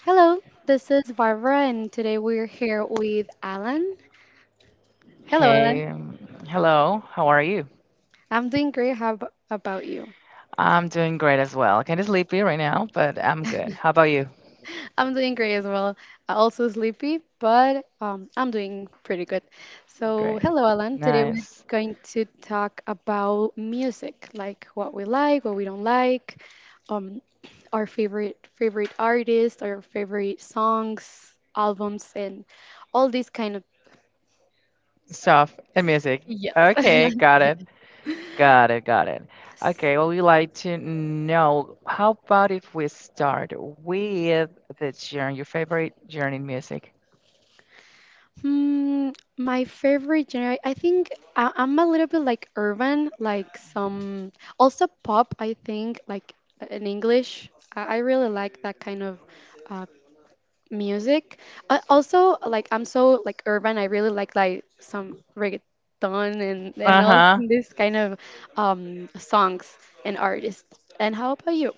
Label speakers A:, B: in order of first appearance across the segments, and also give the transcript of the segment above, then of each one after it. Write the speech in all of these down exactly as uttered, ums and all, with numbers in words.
A: Hello, this is Barbara, and today we're here with Alan. Hello, Alan.
B: Hey, um, hello, how are you?
A: I'm doing great. How ab- about you?
B: I'm doing great as well. Kind of sleepy right now, but I'm good. How about you?
A: I'm doing great as well. I'm also sleepy, but um, I'm doing pretty good. So,
B: Great.
A: hello, Alan. Today we're
B: Nice.
A: going to talk about music, like what we like, what we don't like, um, our favorite favorite artists, our favorite songs, albums, and all these kind of,
B: Stuff and music.
A: yes.
B: Okay, got it. Got it, got it.
A: S-
B: Okay, well, we like to know how about if we start with the genre, your favorite genre in music?
A: Hmm, my favorite genre, I think I, I'm a little bit like urban, like some also pop, I think, like uh, in English. I, I really like that kind of uh, music. Uh, also, like I'm so like urban, I really like like some reggaeton and and all
B: Uh-huh.
A: this kind of um songs and artists. And how about you?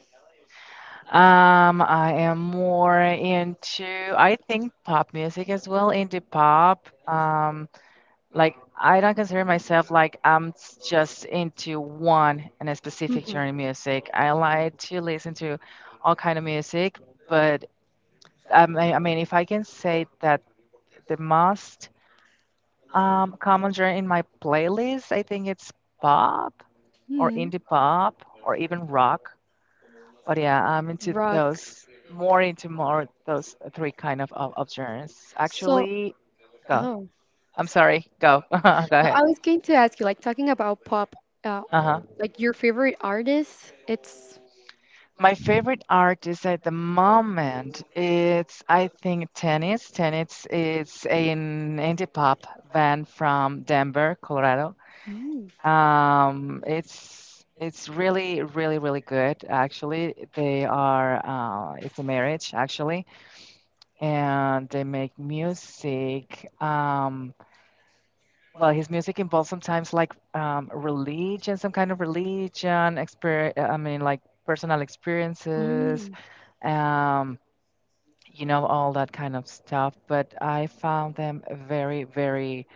B: Um, I am more into, I think, pop music as well, indie pop. Um, Like, I don't consider myself like I'm s- just into one and a specific genre of music. I like to listen to all kind of music, but I mean, I mean, if I can say that the most um, common genre in my playlist, I think it's pop or
A: Mhm.
B: indie pop or even rock. But yeah, I'm into
A: Rock.
B: those more into more those three kind of of, of genres.
A: So,
B: Actually, go.
A: oh,
B: I'm sorry. Go. Go
A: no,
B: ahead.
A: I was going to ask you, like, talking about pop, uh,
B: Uh-huh.
A: like your favorite artist. It's
B: My favorite artist at the moment it's I think Tennis. Tennis is an indie pop band from Denver, Colorado.
A: mm,
B: Um, it's it's really really really good actually. They are uh, it's a marriage actually, and they make music. Um, well, his music involves sometimes like um, religion, some kind of religion, exper I mean like personal experiences.
A: mm,
B: Um, you know, all that kind of stuff. But I found them very, very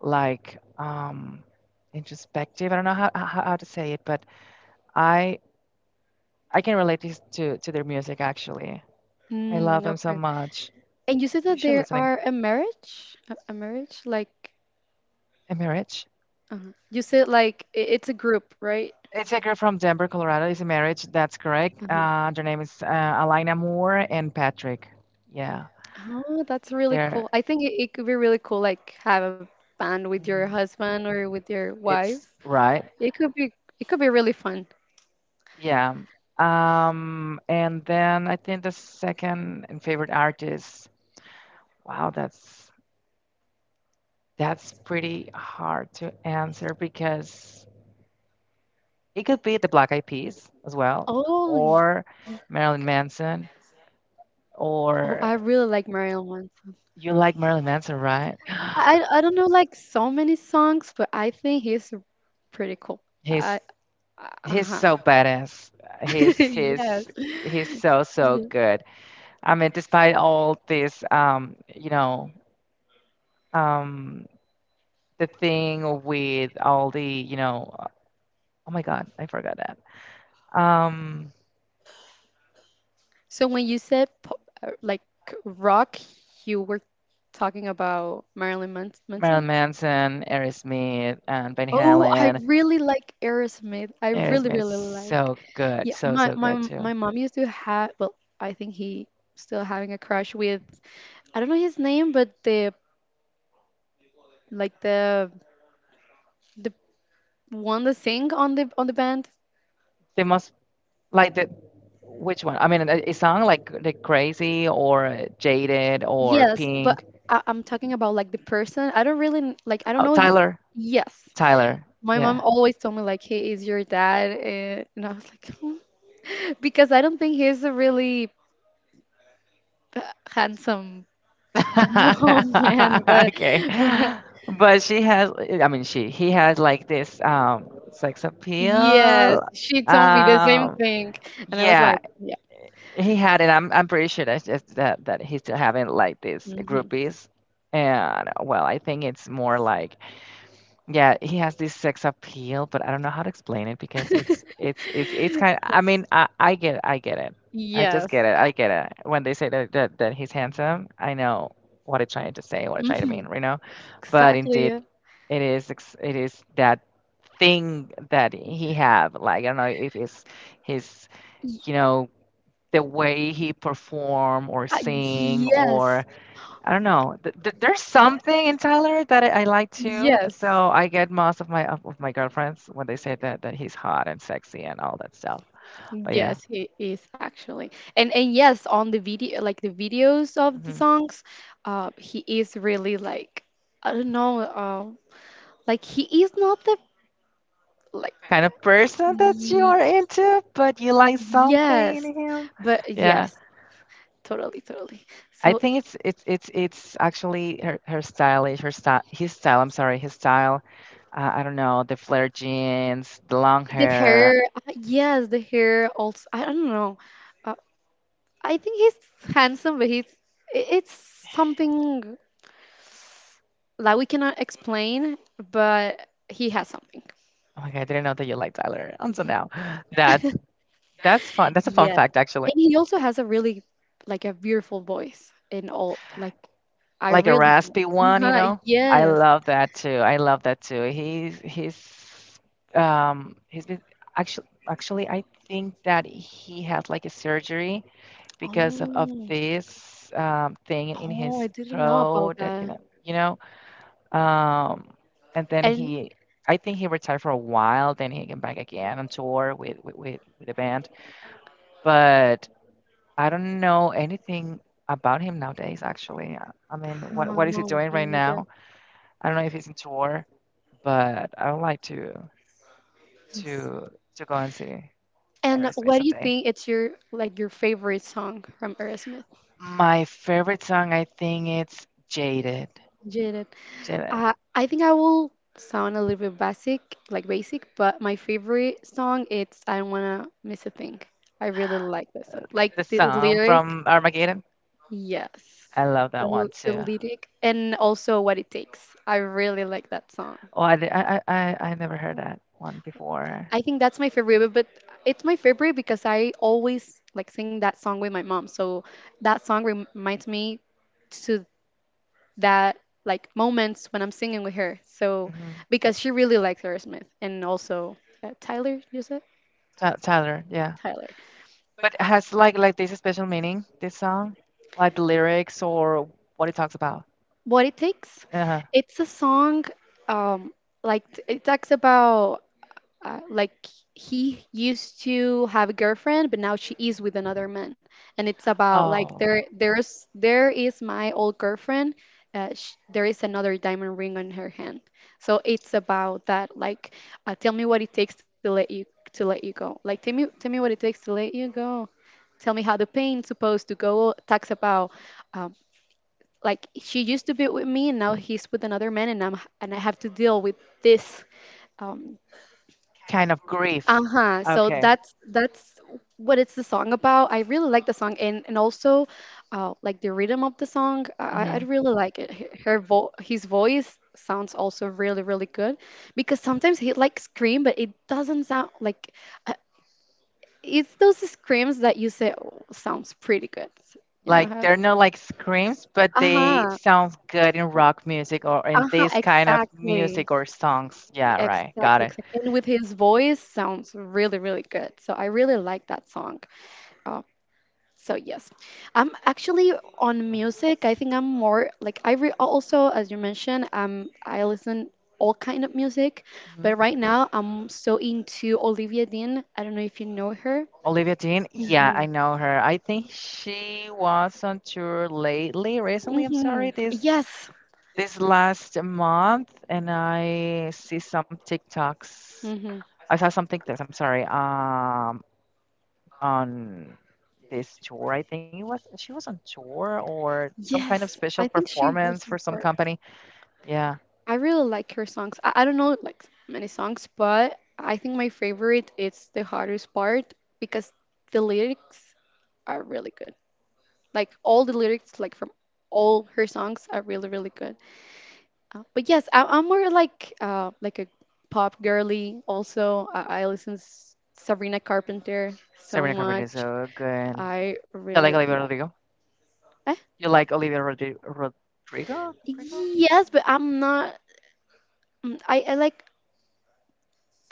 B: like um introspective. I don't know how how, how to say it, but I I can relate this to to their music actually. I love
A: mm,
B: them so
A: okay.
B: much.
A: And you said
B: You
A: that
B: should
A: there
B: listening.
A: are a marriage, a, a marriage, like
B: A marriage.
A: uh, you said, like i- it's a group, right?
B: It's a girl from Denver, Colorado. It's a marriage. That's correct.
A: Uh-huh.
B: Uh, their name is uh, Alina Moore and Patrick. Yeah,
A: Oh, that's really cool.
B: they're.
A: I think it, it could be really cool, like have a band with your
B: Mhm.
A: husband or with your
B: It's
A: wife.
B: right.
A: It could be it could be really fun.
B: Yeah. Um, and then I think the second and favorite artist, wow, that's that's pretty hard to answer because it could be the Black Eyed Peas as well,
A: Oh, ye-
B: or Marilyn Manson,
A: oh, I really
B: or
A: like Marilyn Manson.
B: you like Marilyn Manson, right?
A: I I I don't know like so many songs, but I think he's pretty cool. I
B: He's
A: Uh
B: he's
A: huh.
B: so badass. He's he's
A: Yes.
B: he's so so
A: Yeah.
B: good. I mean, despite all this, um, you know, um, the thing with all the, you know, oh my God, I forgot that. Um,
A: So when you said po- uh, like rock, you were talking about Marilyn Mans- Manson?
B: Marilyn Manson, Aerosmith, and Van
A: Oh, I
B: Halen.
A: really like Aerosmith. I really,
B: Aerosmith is
A: really
B: so
A: like.
B: good,
A: Yeah,
B: so
A: my
B: so good
A: my
B: too.
A: my mom used to have. Well, I think he still having a crush with. I don't know his name, but the like the the one that sing on the on the band.
B: The most like the which one? I mean, it, it sound like the crazy or jaded or
A: Yes, but
B: pink.
A: I, I'm talking about like the person. I don't really kn- like. I don't
B: Oh,
A: know. He,
B: Tyler,
A: yes,
B: Tyler,
A: my mom
B: yeah.
A: always told me like he is your dad, eh, and I was like, "Hmm," because I don't think he's a really uh, handsome man, but
B: Okay. But she has, I mean, she, he has like this um sex
A: Yes,
B: appeal.
A: she told me the same
B: Um,
A: thing. And I was
B: yeah,
A: like, yeah.
B: he had it. I'm I'm pretty sure that's just that that he's still having like these
A: Hmm.
B: groupies. And well, I think it's more like yeah, he has this sex appeal, but I don't know how to explain it because it's it's it's it's kind I mean, I I get I get it. I just
A: Yes.
B: get it. I get it. When they say that that, that he's handsome, I know what it's trying to say, what it's trying to mean,
A: Hmm.
B: you know. But
A: Exactly.
B: indeed,
A: Yeah.
B: it is ex- it is that thing that he have. Like I don't know if it's his,
A: Y-
B: you know, the way he perform or
A: uh,
B: sing or
A: yes.
B: I don't know. Th th there's something in Tyler that I, I like too. So
A: Yes.
B: I get most of my of of my girlfriends when they say that that he's hot and sexy and all that stuff. But yeah,
A: Yes, he is actually. And and yes, on the video like the videos of the
B: hmm
A: songs, uh he is really like, I don't know, uh, like he is not the, like,
B: kind of person that you
A: ye-
B: are into, but you like something in
A: yes,
B: him.
A: but
B: Yeah,
A: yes, totally totally
B: I
A: so
B: think it's it's it's it's actually her her stylish her style his style. I'm sorry, his style. Uh, I don't know the flare jeans, the long
A: the
B: hair.
A: hair, uh, yes, the hair also, I don't know, uh, I think he's handsome, but he's, i- it's something like we cannot explain, but he has something.
B: Oh my God, I didn't know that you like Tyler until now. That's that's fun. That's a fun
A: Yeah,
B: fact actually.
A: and he also has a really like a beautiful voice in all, like, I
B: Like a
A: really,
B: raspy one, you
A: uh
B: know. I
A: yes.
B: love that too. I love that too. He's he's um he's been actually actually I think that he had like a surgery because of, of
A: oh
B: this um thing in
A: oh I
B: his
A: didn't know about
B: throat that you
A: that,
B: know you know um and then
A: and
B: he I think he retired for a while then he came back again on tour with with with, with the band but I don't know anything about him nowadays actually. I mean what
A: oh,
B: what is he
A: no,
B: doing
A: me
B: right now?
A: neither.
B: I don't know if it's in tour, but I would like to
A: Yes.
B: to to go and see
A: And
B: Aerosmith
A: what do you
B: someday.
A: think it's your like your favorite song from Aerosmith?
B: My favorite song, I think it's Jaded.
A: Jaded.
B: Jaded.
A: Uh, I think I will sound a little bit basic, like basic, but my favorite song it's I don't wanna miss a thing. I really like that song. Like
B: The
A: the
B: song
A: lyric,
B: from Armageddon.
A: yes.
B: I love
A: The,
B: that
A: l-
B: one
A: the
B: too.
A: lyric and also what it takes. I really like that song.
B: Oh, I did, I, I I never heard that one before.
A: I think that's my favorite, but it's my favorite because I always like sing that song with my mom. So that song rem- reminds me to that like moments when I'm singing with her. So
B: Mm-hmm.
A: because she really likes Aerosmith and also uh, Tyler, you said
B: Ty- Tyler, yeah.
A: Tyler.
B: But it has like like this special meaning, this song, like the lyrics or what it talks about.
A: What it takes,
B: Uh-huh.
A: it's a song um like t- it talks about uh, like he used to have a girlfriend but now she
B: Mhm.
A: is with another man, and it's about like
B: Oh,
A: there there's there is my old girlfriend, uh, sh- there is another diamond ring on her hand, so it's about that, like, uh, tell me what it takes to let you to let you go, like, tell me tell me what it takes to let you go, tell me how the pain's supposed to go. Talks about, um, like she used to be with me and now he's with another man and i'm and I have to deal with this, um,
B: kind of grief.
A: uh-huh. So
B: Okay.
A: that's that's what it's the song about. I really like the song, and and also, uh like the rhythm of the song, i i I
B: Hmm.
A: really like it. Her her vo- his voice sounds also really really good because sometimes he like scream but it doesn't sound like, uh, it's those screams that you say, oh, sounds pretty good, you know
B: Like
A: how.
B: they're not like screams, but they
A: Uh-huh.
B: sound good in rock music or in
A: Uh-huh.
B: this kind of
A: Exactly.
B: music or songs. Yeah, right. Got
A: Exactly.
B: it.
A: Exactly. And with his voice sounds really really good, so I really like that song. Uh, So yes, I'm actually on
B: Uh-huh.
A: music. I think I'm more like I re- also, as you mentioned, um, I listen all kind of music, but
B: Mhm.
A: right now I'm so into Olivia Dean. I don't know if you know her.
B: Olivia Dean, yeah, I
A: Hmm.
B: know her. I think she was on tour lately, recently, I'm
A: Hmm.
B: sorry, this
A: Yes.
B: this last month, and I see some TikToks.
A: Hmm.
B: I saw some TikToks, I'm sorry, um, on this tour. I think it was she was on tour or some kind of
A: Yes.
B: special
A: I think she was
B: performance for
A: in
B: some
A: for.
B: company. Yeah,
A: I really like her songs. I, I don't know like many songs, but I think my favorite is the hardest part because the lyrics are really good. Like all the lyrics, like from all her songs, are really really good. Uh, but yes, I, I'm more like uh, like a pop girly. Also, I, I listen s- Sabrina Carpenter so
B: Sabrina Carpenter is
A: much.
B: so good.
A: I
B: You
A: really
B: like Olivia
A: love.
B: Rodrigo?
A: Eh?
B: You like Olivia Rodri Rodrigo? Rodrigo?
A: Yes, but I'm not. mm, I, I like.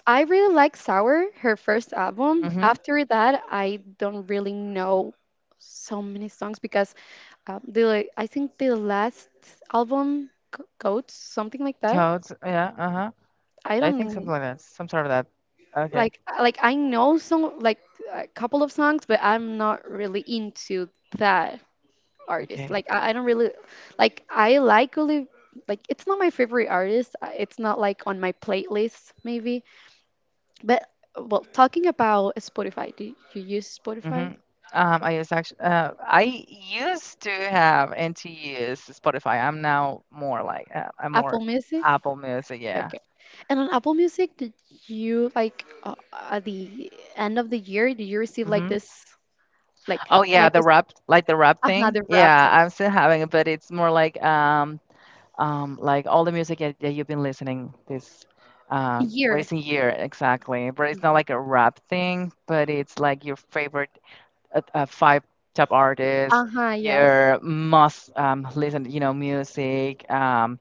A: I really like Sour, her first album.
B: Mm-hmm.
A: After that, I don't really know so many songs because, um, the, like, I think the last album, Goats, something like that.
B: Codes. Yeah. Uh-huh.
A: I
B: I think something
A: don't.
B: like that. Some sort of that. Okay.
A: Like, uh, like I know some like a couple of songs, but I'm not really into that artist.
B: Okay.
A: Like, I, I don't really like. I like, Oli like it's not my favorite artist. uh, It's not like on my playlist maybe. But well, talking about Spotify, do you use
B: Mm-hmm.
A: Spotify?
B: Um, I use actually, uh, I used to have and to use Spotify. I'm now more like uh, I'm
A: Apple
B: more
A: Music?
B: Apple Music. Yeah.
A: Okay. And on Apple Music, did you like, uh, at the end of the year, did you receive like
B: Mm-hmm.
A: this like
B: Oh yeah,
A: like
B: the
A: this
B: rap, like the rap
A: uh
B: thing.
A: the rap
B: Yeah,
A: thing?
B: I'm still having it, but it's more like um um, like all the music that, that you've been listening this uh,
A: Year.
B: racing year exactly but it's not like a rap thing but it's like your favorite uh, uh, five top artists
A: Uh-huh, yes.
B: your must um, listen you know music um,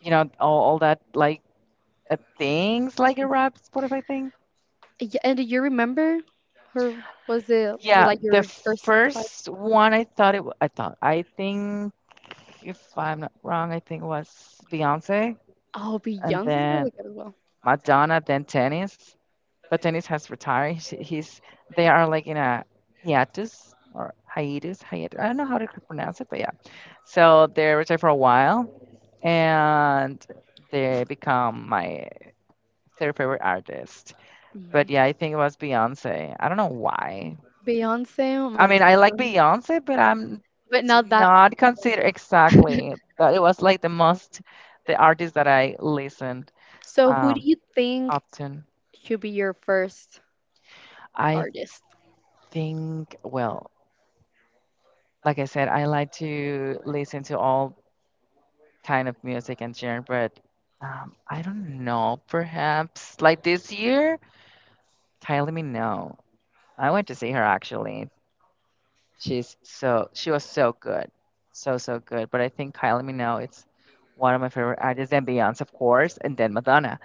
B: you know all, all that like uh, things like a rap spotify thing
A: Yeah, and do you remember her? Was it you
B: yeah
A: like
B: the
A: your first fight?
B: first one I thought it wa- I thought I think if I'm not wrong I think it was beyonce
A: Oh,
B: and
A: Beyonce is
B: then
A: really good as well.
B: madonna then tennis but Dennis has retired. Sh- He's they are like in a hiatus or hiatus, hiatus. I don't know how to pronounce it, but yeah. So they retired for a while, and they become my third favorite artist. But
A: Mhm.
B: yeah, I think it was Beyonce. I don't know why.
A: Beyonce, oh
B: I
A: my
B: mean, I like
A: God.
B: Beyonce, but I'm
A: But
B: did
A: not that.
B: not consider exactly that it was like the most the artist that I listened
A: So, who do
B: um
A: you think
B: often.
A: should be your first
B: I
A: artist?
B: think well. Like I said, I like to listen to all kind of music and genre, but um, I don't know. Perhaps like this year, Kylie Minogue. I went to see her actually. She's so she was so good, so so good. But I think Kylie Minogue it's one of my favorite artists, and Beyonce of course, and then Madonna.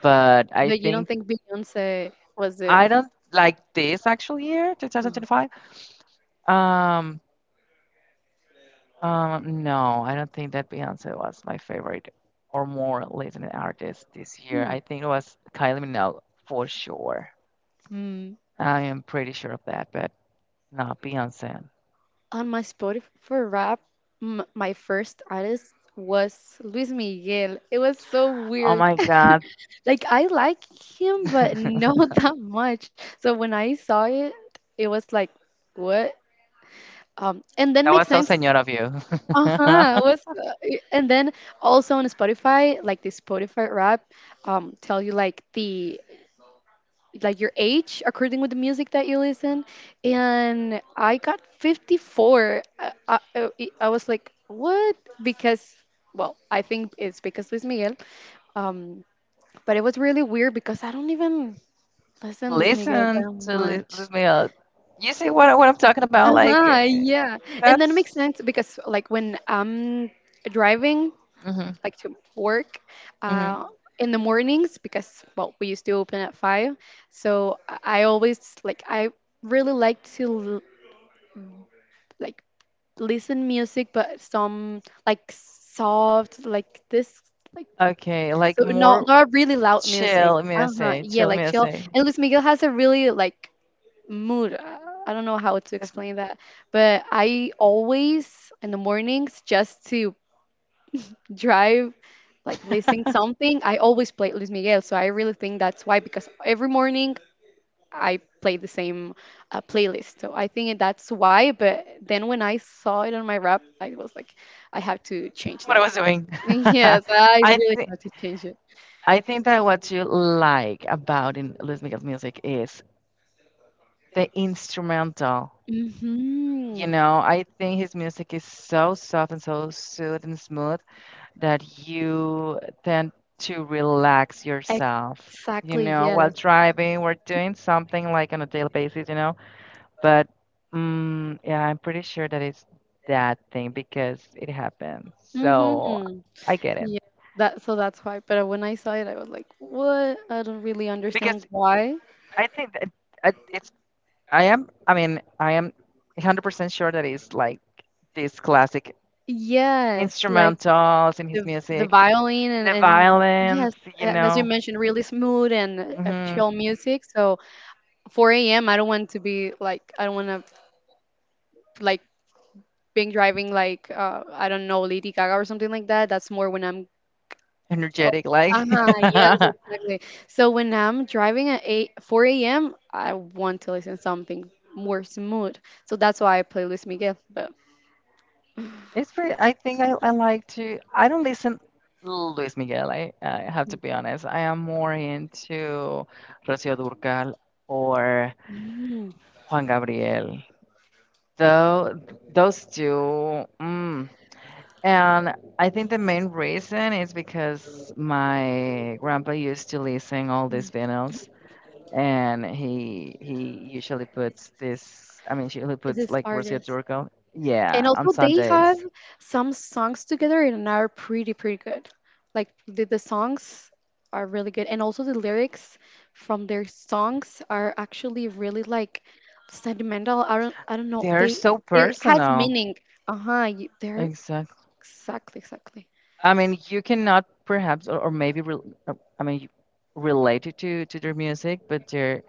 B: But I
A: But you don't
B: think
A: think Beyonce was it?
B: I don't like this actual year, twenty twenty-five. Um, Um, no, I don't think that Beyonce was my favorite or more listening artist this year.
A: Hmm.
B: I think it was Kylie Minogue for sure.
A: Hmm.
B: I am pretty sure of that, but not Beyonce.
A: On my Spotify for rap, m- my first artist was Luis Miguel. It was so
B: Oh
A: weird.
B: my God.
A: Like I like him, but no, not that much. So when I saw it, it was like, what? Um, and then
B: That
A: makes
B: was so
A: sense.
B: senor of you.
A: Uh huh. Was uh, y- and then also on Spotify, like the Spotify rap, um, tell you like the like your age according with the music that you listen, and I got fifty-four. I, I, I I was like, what? Because, well, I think it's because Luis Miguel, um but it was really weird because I don't even listen Luis Miguel
B: Listen
A: that
B: to li
A: much.
B: listen me up. You see what, I- what I'm talking about? Like,
A: Uh-huh,
B: eh,
A: yeah. And then it makes
B: that's.
A: sense because like when I'm driving
B: Hmm.
A: like to work,
B: Hmm.
A: uh, in the mornings, because, well, we used to open at five, so i I always, like, I really like to l- like listen music, but some like soft like this, like,
B: Okay, like
A: so not
B: more
A: not really loud music.
B: chill
A: Uh-huh,
B: music,
A: yeah,
B: chill
A: like chill.
B: music.
A: And Luis Miguel has a really like mood, uh, I don't know how to
B: It's-
A: explain that, but I always in the mornings just to drive like listening something, I always play Luis Miguel. So I really think that's why, because every morning I play the same, uh, playlist, so I think that's why. But then when I saw it on my rap I was like, I have to change
B: what I
A: that.
B: was doing.
A: Yes, I
B: I
A: really
B: think
A: have to change it.
B: I think that what you like about in Luis Miguel's music is the instrumental. You
A: Hmm,
B: know, I think his music is so soft and so soothing and smooth that you tend to relax yourself. You
A: exactly,
B: know,
A: yes.
B: while driving or doing something like on a daily basis. You know, but mm, yeah, I'm pretty sure that it's that thing because it happens. So
A: Mm-hmm.
B: I get it
A: Yeah. That So that's why. But when I saw it, I was like, "What? I don't really understand
B: because
A: why."
B: I think that I- it's. I am. I mean, I am one hundred percent sure that it's like these classic
A: Yes, like
B: instrumentals in his
A: the the
B: music,
A: violin, and
B: the
A: and
B: violence,
A: yes,
B: you
A: and as you
B: know,
A: mentioned, really smooth and, uh, uh,
B: hmm
A: chill music. So four a m. I don't want to be like I don't want to like being driving like, uh I don't know, Lady Gaga or something like that. That's more when I'm. Oh,
B: energetic. Like
A: uh-huh, yes, exactly. So when I'm driving at eight, four a m, I want to listen something more smooth. So that's why I play Luis Miguel. But
B: it's pretty. I think I, I like to. I don't listen Luis Miguel. I, I have to be honest. I am more into Rocío Durcal or Juan Gabriel. Though those two. Mm, and I think the main reason is because my grandpa used to listen all these
A: Mm.
B: vinyls, and he he usually puts this. I mean, he puts
A: This
B: like Rocio
A: artist.
B: Turco.
A: And
B: Yeah, on
A: also they
B: Sundays.
A: have some songs together and are pretty pretty good. Like the, the songs are really good and also the lyrics from their songs are actually really like sentimental. I don't I don't know.
B: They're
A: They
B: so
A: they has
B: personal.
A: meaning. Uh-huh. you- They're
B: Exactly.
A: exactly, exactly.
B: I mean, you cannot perhaps, or, or maybe, re, uh, I mean, related to to their music, but they're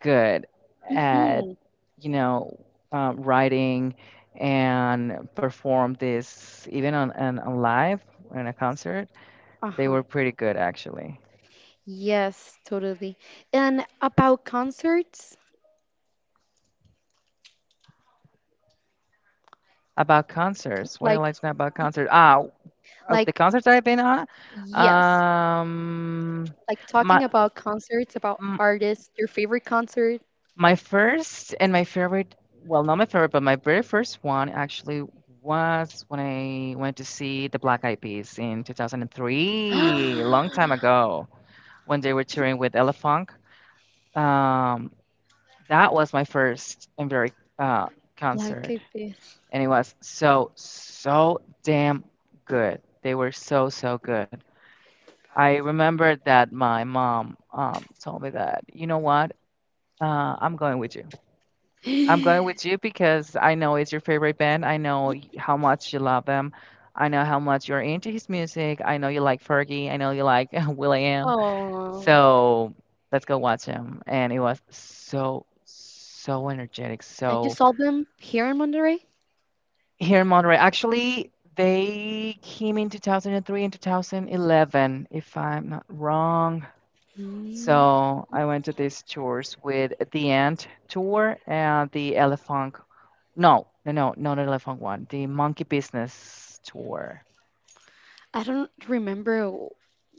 B: good at,
A: Mhm.
B: you know, um, writing and perform this even on, on, on live in a concert. They
A: Uh-huh.
B: were pretty good actually.
A: Yes, totally. And about concerts,
B: About concerts, what do you
A: like
B: like to know about concerts? Ah, of the
A: like
B: concerts I've been on,
A: yes,
B: um,
A: like talking
B: my
A: about concerts, about
B: m-
A: artists, your favorite concert.
B: my first and my favorite, well, not my favorite, but my very first one actually was when I went to see the Black Eyed Peas in two thousand three, long time ago. When they were touring with Elefunk. Um, that was my first and very uh,
A: Black
B: concert,
A: Eyed Peas.
B: and it was so so damn good. They were so so good. I remember that my mom um, told me that, you know what, uh, I'm going with you. I'm going with you because I know it's your favorite band. I know how much you love them. I know how much you're into his music. I know you like Fergie. I know you like Will.i.am.
A: Oh,
B: So let's go watch him. And it was so, so energetic.
A: and you
B: So
A: saw them here in Monterrey?
B: here in Monterey, actually, they came in two thousand three and two thousand eleven, if I'm not wrong.
A: Mm.
B: So I went to these tours with the Ant tour and the Elephant. No, no, no, not the Elephant one. The Monkey Business tour.
A: I don't remember w-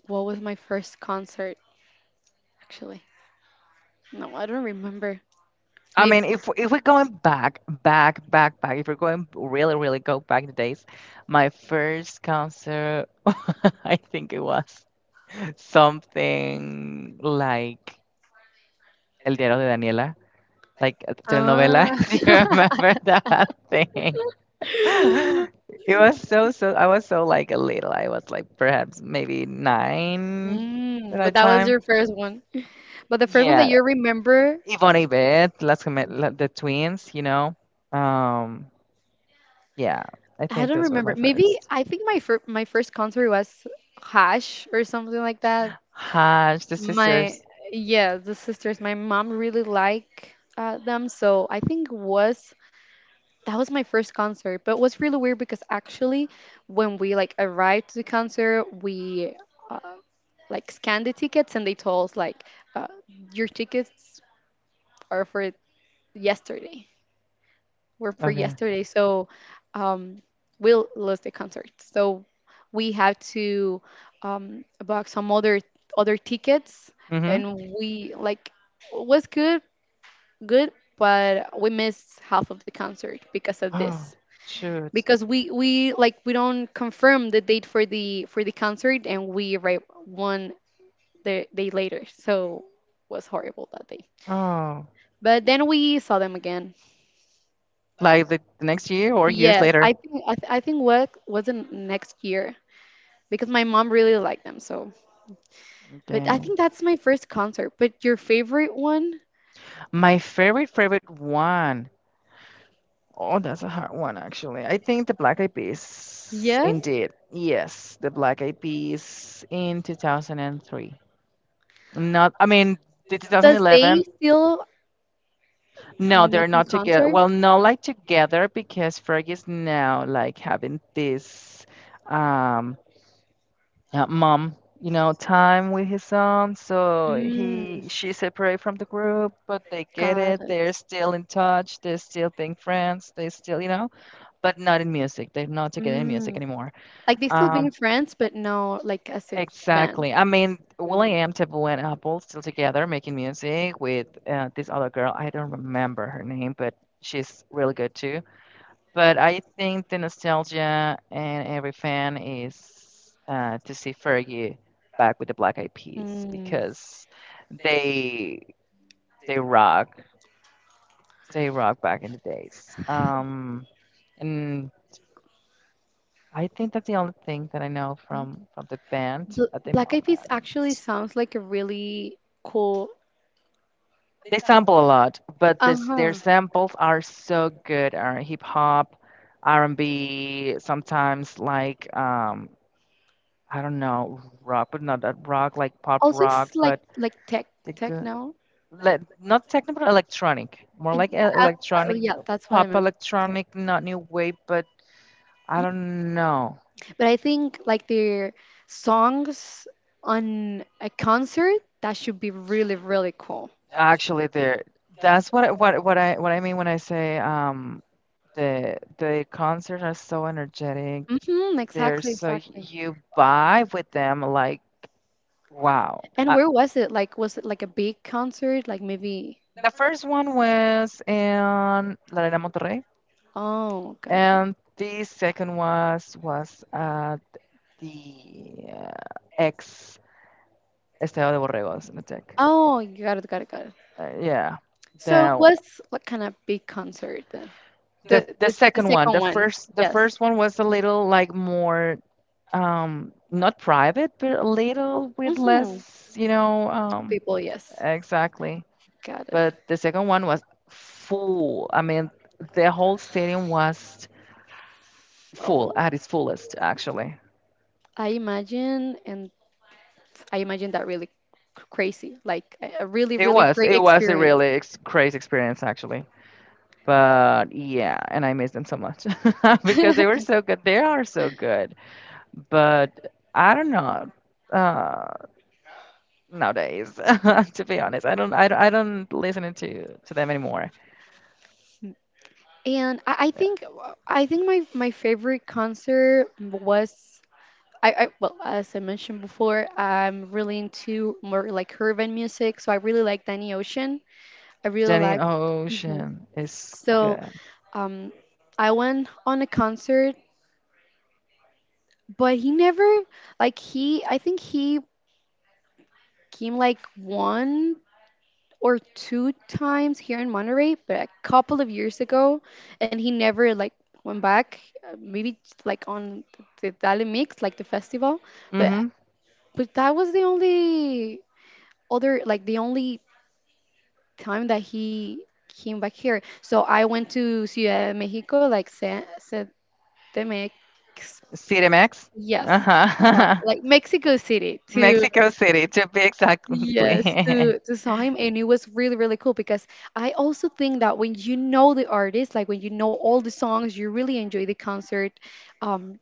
A: what was my first concert actually. No, I don't remember.
B: I
A: Maybe
B: mean, if if we're going back, back, back, back, if we're going really, really go back in the days, my first concert, I think it was something like El Diario de Daniela, like a telenovela.
A: ah,
B: Do you remember that thing? It was so, so, I was so like a little. I was like perhaps maybe nine at
A: mm, but
B: that
A: that was
B: time.
A: your first one. But the first one that
B: Yeah,
A: you remember,
B: Yvonne Yvette, Las Gemelas, the twins, you know. Um, Yeah, I
A: I
B: think
A: don't
B: those were my
A: remember. Maybe
B: first.
A: I think my fir- my first concert was Hash or something like that.
B: Hodge, the
A: My
B: sisters.
A: yeah, the sisters. My mom really liked uh, them, so I think was that was my first concert, but it was really weird because actually when we like arrived to the concert we uh, like scanned the tickets and they told us like uh, your tickets are for yesterday were for
B: Okay.
A: yesterday. So um, we'll lose the concert, so we have to um, book some other other tickets.
B: Mm-hmm.
A: And we like was good good but we missed half of the concert because of this,
B: Oh, shoot.
A: because we we like we don't confirm the date for the for the concert and we arrive one the day later, so was horrible that day.
B: Oh,
A: But then we saw them again.
B: like the, the next year or years
A: Yes, i
B: later.
A: think i, th- I think what was the next year because my mom really liked them. So but
B: Okay.
A: I think that's my first concert. But your favorite one,
B: My favorite, favorite one. Oh, that's a hard one, actually. I think the Black Eyed Peas.
A: yes.
B: Indeed. Yes, the Black Eyed Peas in two thousand three. Not, I mean, the
A: Does they
B: twenty eleven.
A: still
B: No, they're
A: making
B: not together.
A: concerts?
B: Well, not like together because Fergie is now like having this um uh, mom, you know, time with his son. So
A: Mm,
B: he she's separate from the group, but they get
A: cara.
B: it. They're
A: It.
B: still in touch. They're still being friends. They still, you know, but not in music. They're not together in music
A: Mm.
B: anymore.
A: Like they still being
B: Um,
A: friends, but no, like as a band.
B: exactly. I mean,
A: Mm.
B: Will.i.am, Taboo, and Apple still together making music with uh, this other girl. I don't remember her name, but she's really good too. But I think the nostalgia and every fan is uh, to see Fergie back with the Black Eyed Peas
A: Mm.
B: because they they rock, they rock back in the days. Um, and I think that's the only thing that I know from from the band
A: Bl
B: at the
A: Black Eyed Peas
B: moment.
A: actually sounds like a really cool.
B: They sample a lot, but this their
A: Uh-huh.
B: samples are so good. Are hip hop, R and B, sometimes like um, I don't know, rock, but not that rock, like pop
A: Also,
B: rock,
A: it's like
B: but
A: like tech
B: the
A: tech
B: good,
A: now.
B: le not techno, but electronic, more
A: Yeah,
B: like e-
A: uh, uh,
B: electronic,
A: yeah, that's what I
B: pop
A: meant to say.
B: electronic, not new wave, but I don't know.
A: But I think like their songs on a concert, that should be really really cool.
B: Actually, there, that's what I- what what I what I mean when I say um the the concerts are so energetic.
A: Mm-hmm,
B: They're
A: exactly,
B: so
A: exactly.
B: you vibe with them, like wow.
A: And
B: Uh,
A: where was it? Like, was it like a big concert? Like maybe.
B: the first one was in La Arena Monterrey.
A: Oh, gotcha.
B: And the second was was uh, the uh, ex Estadio de Borregos in the tech.
A: Oh, you got it, got it, got it.
B: Uh, yeah.
A: So
B: The,
A: what's what kind of big concert then?
B: the
A: The the,
B: the
A: s- the
B: second one.
A: second
B: The
A: one.
B: first the
A: Yes.
B: first one was a little like more um not private, but a little with
A: Mm-hmm.
B: less, you know, um
A: People, yes.
B: exactly.
A: Got it.
B: But the second one was full. I mean, the whole stadium was
A: Oh.
B: full at its fullest, actually.
A: I imagine, and I imagine that really c- crazy, like a a really,
B: It
A: really
B: was.
A: great
B: It was a
A: experience.
B: really ex crazy experience, actually. But yeah, and I miss them so much because they were so good. They are so good. But I don't know uh, nowadays, to be honest. I don't, I don't, I don't listen to to them anymore.
A: And I, I think I think my my favorite concert was I, I well, as I mentioned before, I'm really into more like urban music, so I really like Danny Ocean. I really
B: Jenny
A: like. Mhm.
B: Ocean is
A: So
B: good.
A: um, I went on a concert, but he never like he. I think he came like one or two times here in Monterey, but a couple of years ago, and he never like went back. Uh, maybe just, like on the Dali Mix, like the festival, but
B: Mm-hmm.
A: but that was the only other, like the only time that he came back here. So I went to Ciudad de Mexico, like San, they make
B: City Max.
A: yes, uh,
B: Uh-huh.
A: like Mexico City to
B: Mexico City, to be
A: yes
B: exactly.
A: to to saw him, and it was really really cool because I also think that when you know the artist, like when you know all the songs, you really enjoy the concert. Um,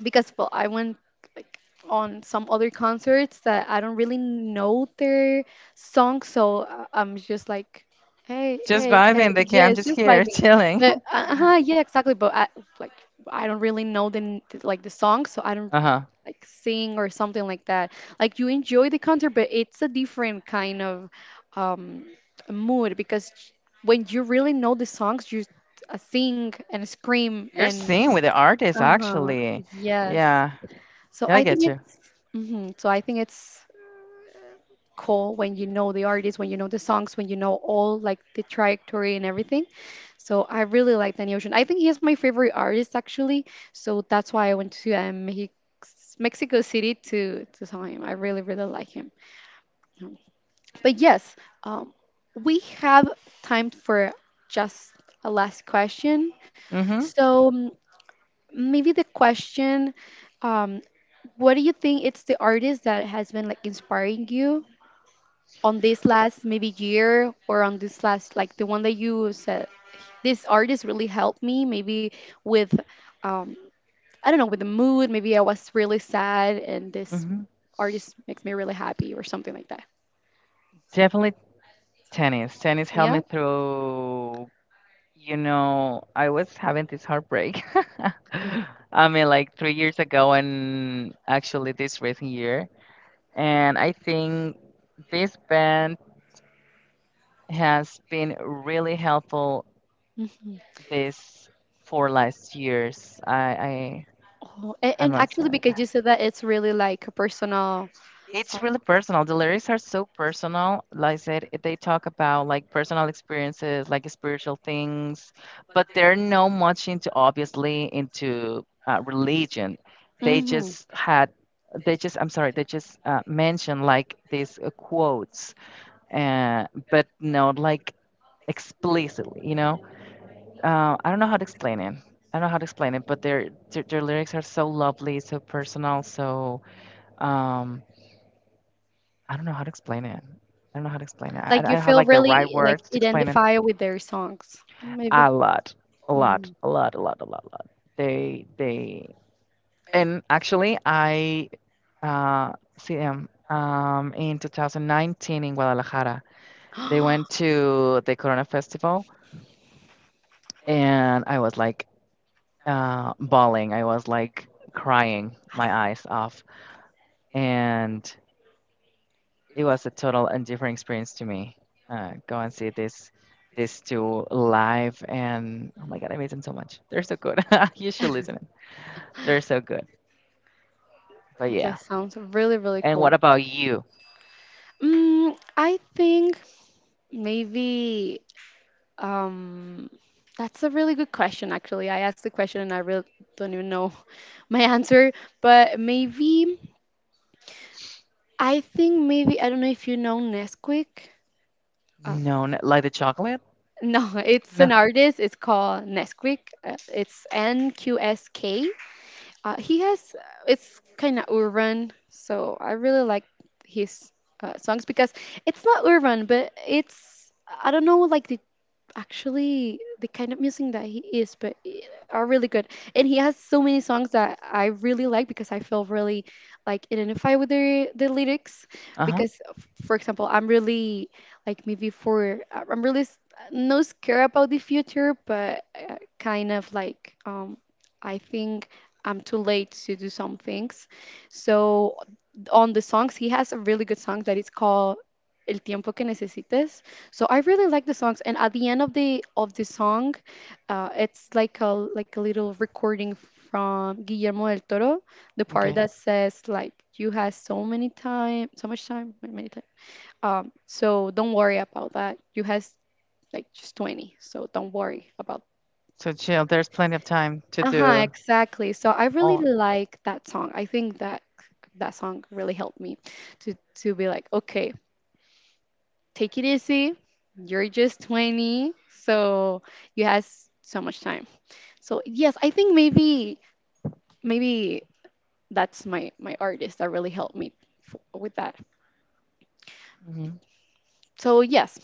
A: because well, I went like on some other concerts that I don't really know their songs, so uh, I'm just like. Hey, just
B: Just
A: hey, vibing. Hey!
B: vibing, the I'm
A: Yes,
B: just
A: just
B: here
A: vibing.
B: chilling.
A: But uh, uh-huh, yeah, exactly. But I, like, I don't really know the n- th- like the song, so I don't
B: Uh-huh.
A: like sing or something like that. Like you enjoy the concert, but it's a different kind of um, mood, because when you really know the songs, you uh, sing and scream
B: You're
A: and
B: singing with the artist,
A: uh-huh,
B: actually.
A: yes.
B: Yeah,
A: So
B: yeah, I
A: I think
B: get you.
A: it's mhm, so I think it's cool when you know the artists, when you know the songs, when you know all like the trajectory and everything. So I really like Danny Ocean. I think he is my favorite artist actually. So that's why I went to um, he, Mexico City to to saw him. I really really like him. Um, But yes, um, we have time for just a last question.
B: Mm-hmm.
A: So um, maybe the question. Um, what do you think it's the artist that has been like inspiring you on this last maybe year, or on this last like the one that you said this artist really helped me maybe with um I don't know, with the mood. Maybe I was really sad and this
B: Mm-hmm.
A: artist makes me really happy or something like that.
B: Definitely tennis. Tennis helped me
A: Yeah.
B: through, you know, I was having this heartbreak. I mean, like three years ago, and actually this recent year. And I think this band has been really helpful
A: Mhm.
B: this four last years. I, I,
A: Oh, and,
B: I
A: and
B: must say.
A: actually, because you said that it's really like a personal uh,
B: It's really personal. The lyrics are so personal. Like I said, it- they talk about like personal experiences, like spiritual things, but they're not much into obviously into uh, religion. They
A: hmm.
B: just had, they just, I'm sorry, they just uh, mentioned like these uh, quotes, uh, but not like explicitly, you know? Uh, I don't know how to explain it. I don't know how to explain it, but their their, their lyrics are so lovely, so personal, so um I don't know how to explain it. I don't know how to explain it. I, I
A: Like you
B: don't have
A: feel
B: like the right
A: really like
B: words to explain it.
A: identify with their songs, maybe.
B: A lot, a
A: Hmm.
B: lot, a lot, a lot, a lot, a lot. They, they, and actually, I uh, see them um, in twenty nineteen in Guadalajara. They went to the Corona Festival, and I was like uh, bawling. I was like crying my eyes off, and it was a total and different experience to me. Uh, go and see this this two live and oh my god, I miss them so much. They're so good. You should listen. They're so good. But yeah.
A: That sounds really really
B: And what
A: cool.
B: about you?
A: Mm, I think maybe um that's a really good question actually. I asked the question and I really don't even know my answer, but maybe I think maybe I don't know if you know Nesquik.
B: No, n like the chocolate?
A: No, it's
B: No.
A: an artist. It's called Nesquik. Uh, It's N Q S K. Uh, he has. Uh, It's kind of urban, so I really like his uh, songs because it's not urban, but it's I don't know like the actually the kind of music that he is, but i- are really good. And he has so many songs that I really like because I feel really like identify with the, the lyrics,
B: Uh-huh.
A: because f- for example, I'm really like maybe for I- I'm really s- no scared about the future, but uh, kind of like um I think I'm too late to do some things. So on the songs, he has a really good song that is called el tiempo que necesites. So I really like the songs, and at the end of the of the song, uh, it's like a like a little recording from Guillermo del Toro, the part
B: Okay.
A: that says like you had so many time, so much time, many, many time. Um so don't worry about that, you has like just twenty, so don't worry about.
B: So chill. There's plenty of time to
A: Uh-huh,
B: do
A: exactly. So I really
B: all.
A: like that song. I think that that song really helped me to to be like okay, take it easy. You're just twenty, so you have s- so much time. So yes, I think maybe maybe that's my my artist that really helped me f- with that.
B: Hmm.
A: So yes,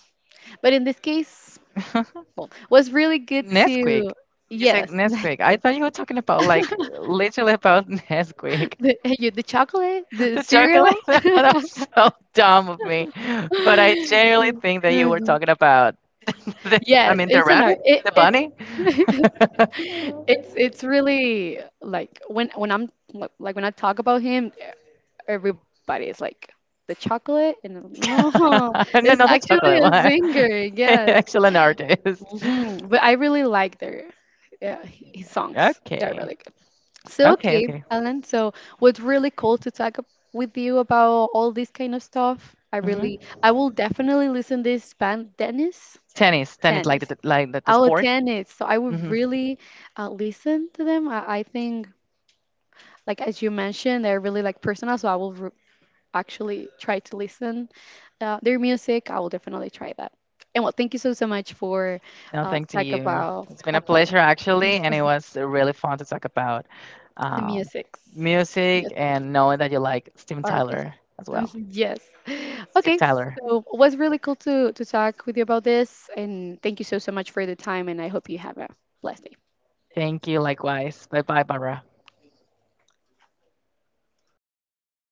A: but in this case, well, was really
B: So
A: good
B: Nesquik.
A: to
B: You said
A: yes,
B: Nesquik. I
A: Nestle.
B: thought you were talking about like literally about Nesquik.
A: The, you- the chocolate, the
B: The chocolate.
A: cereal.
B: That was so dumb of me. But I genuinely think that you were
A: Mhm.
B: talking about, the, I
A: Yes,
B: mean, the
A: it's an art.
B: rabbit,
A: It,
B: the bunny.
A: it It's it's really like when when I'm like like, when I talk about him, e- everybody is like the chocolate, and I'm, no,
B: No,
A: it's
B: not the
A: actually
B: chocolate
A: a
B: one.
A: singer. Yes,
B: Excellent artist.
A: hmm, but I really like their yeah h- his songs. They're
B: Okay.
A: really so
B: Okay.
A: okay,
B: Okay.
A: Alan. So was really cool to talk ab- with you about all this kind of stuff. I
B: Hmm.
A: really, I will definitely listen this band, Dennis.
B: Tennis. Tennis,
A: Tennis.
B: like the like the, the
A: Oh,
B: sport.
A: tennis. So I would
B: Hmm.
A: really uh, listen to them. I, I think, like as you mentioned, they're really like personal. So I will r actually try to listen uh, their music. I will definitely try that. And well, thank you so so much for
B: No,
A: uh,
B: thank to
A: talk
B: you.
A: about
B: It's been a
A: about
B: pleasure actually, and it was really fun to talk about
A: the
B: um,
A: music.
B: music
A: Music.
B: and knowing that you like Steven
A: Artist.
B: Tyler as
A: Um,
B: well.
A: yes.
B: Steve
A: Okay.
B: Tyler.
A: So it was really cool to to talk with you about this, and thank you so so much for the time. And I hope you have a blessed day.
B: Thank you. Likewise. Bye bye, Barbara.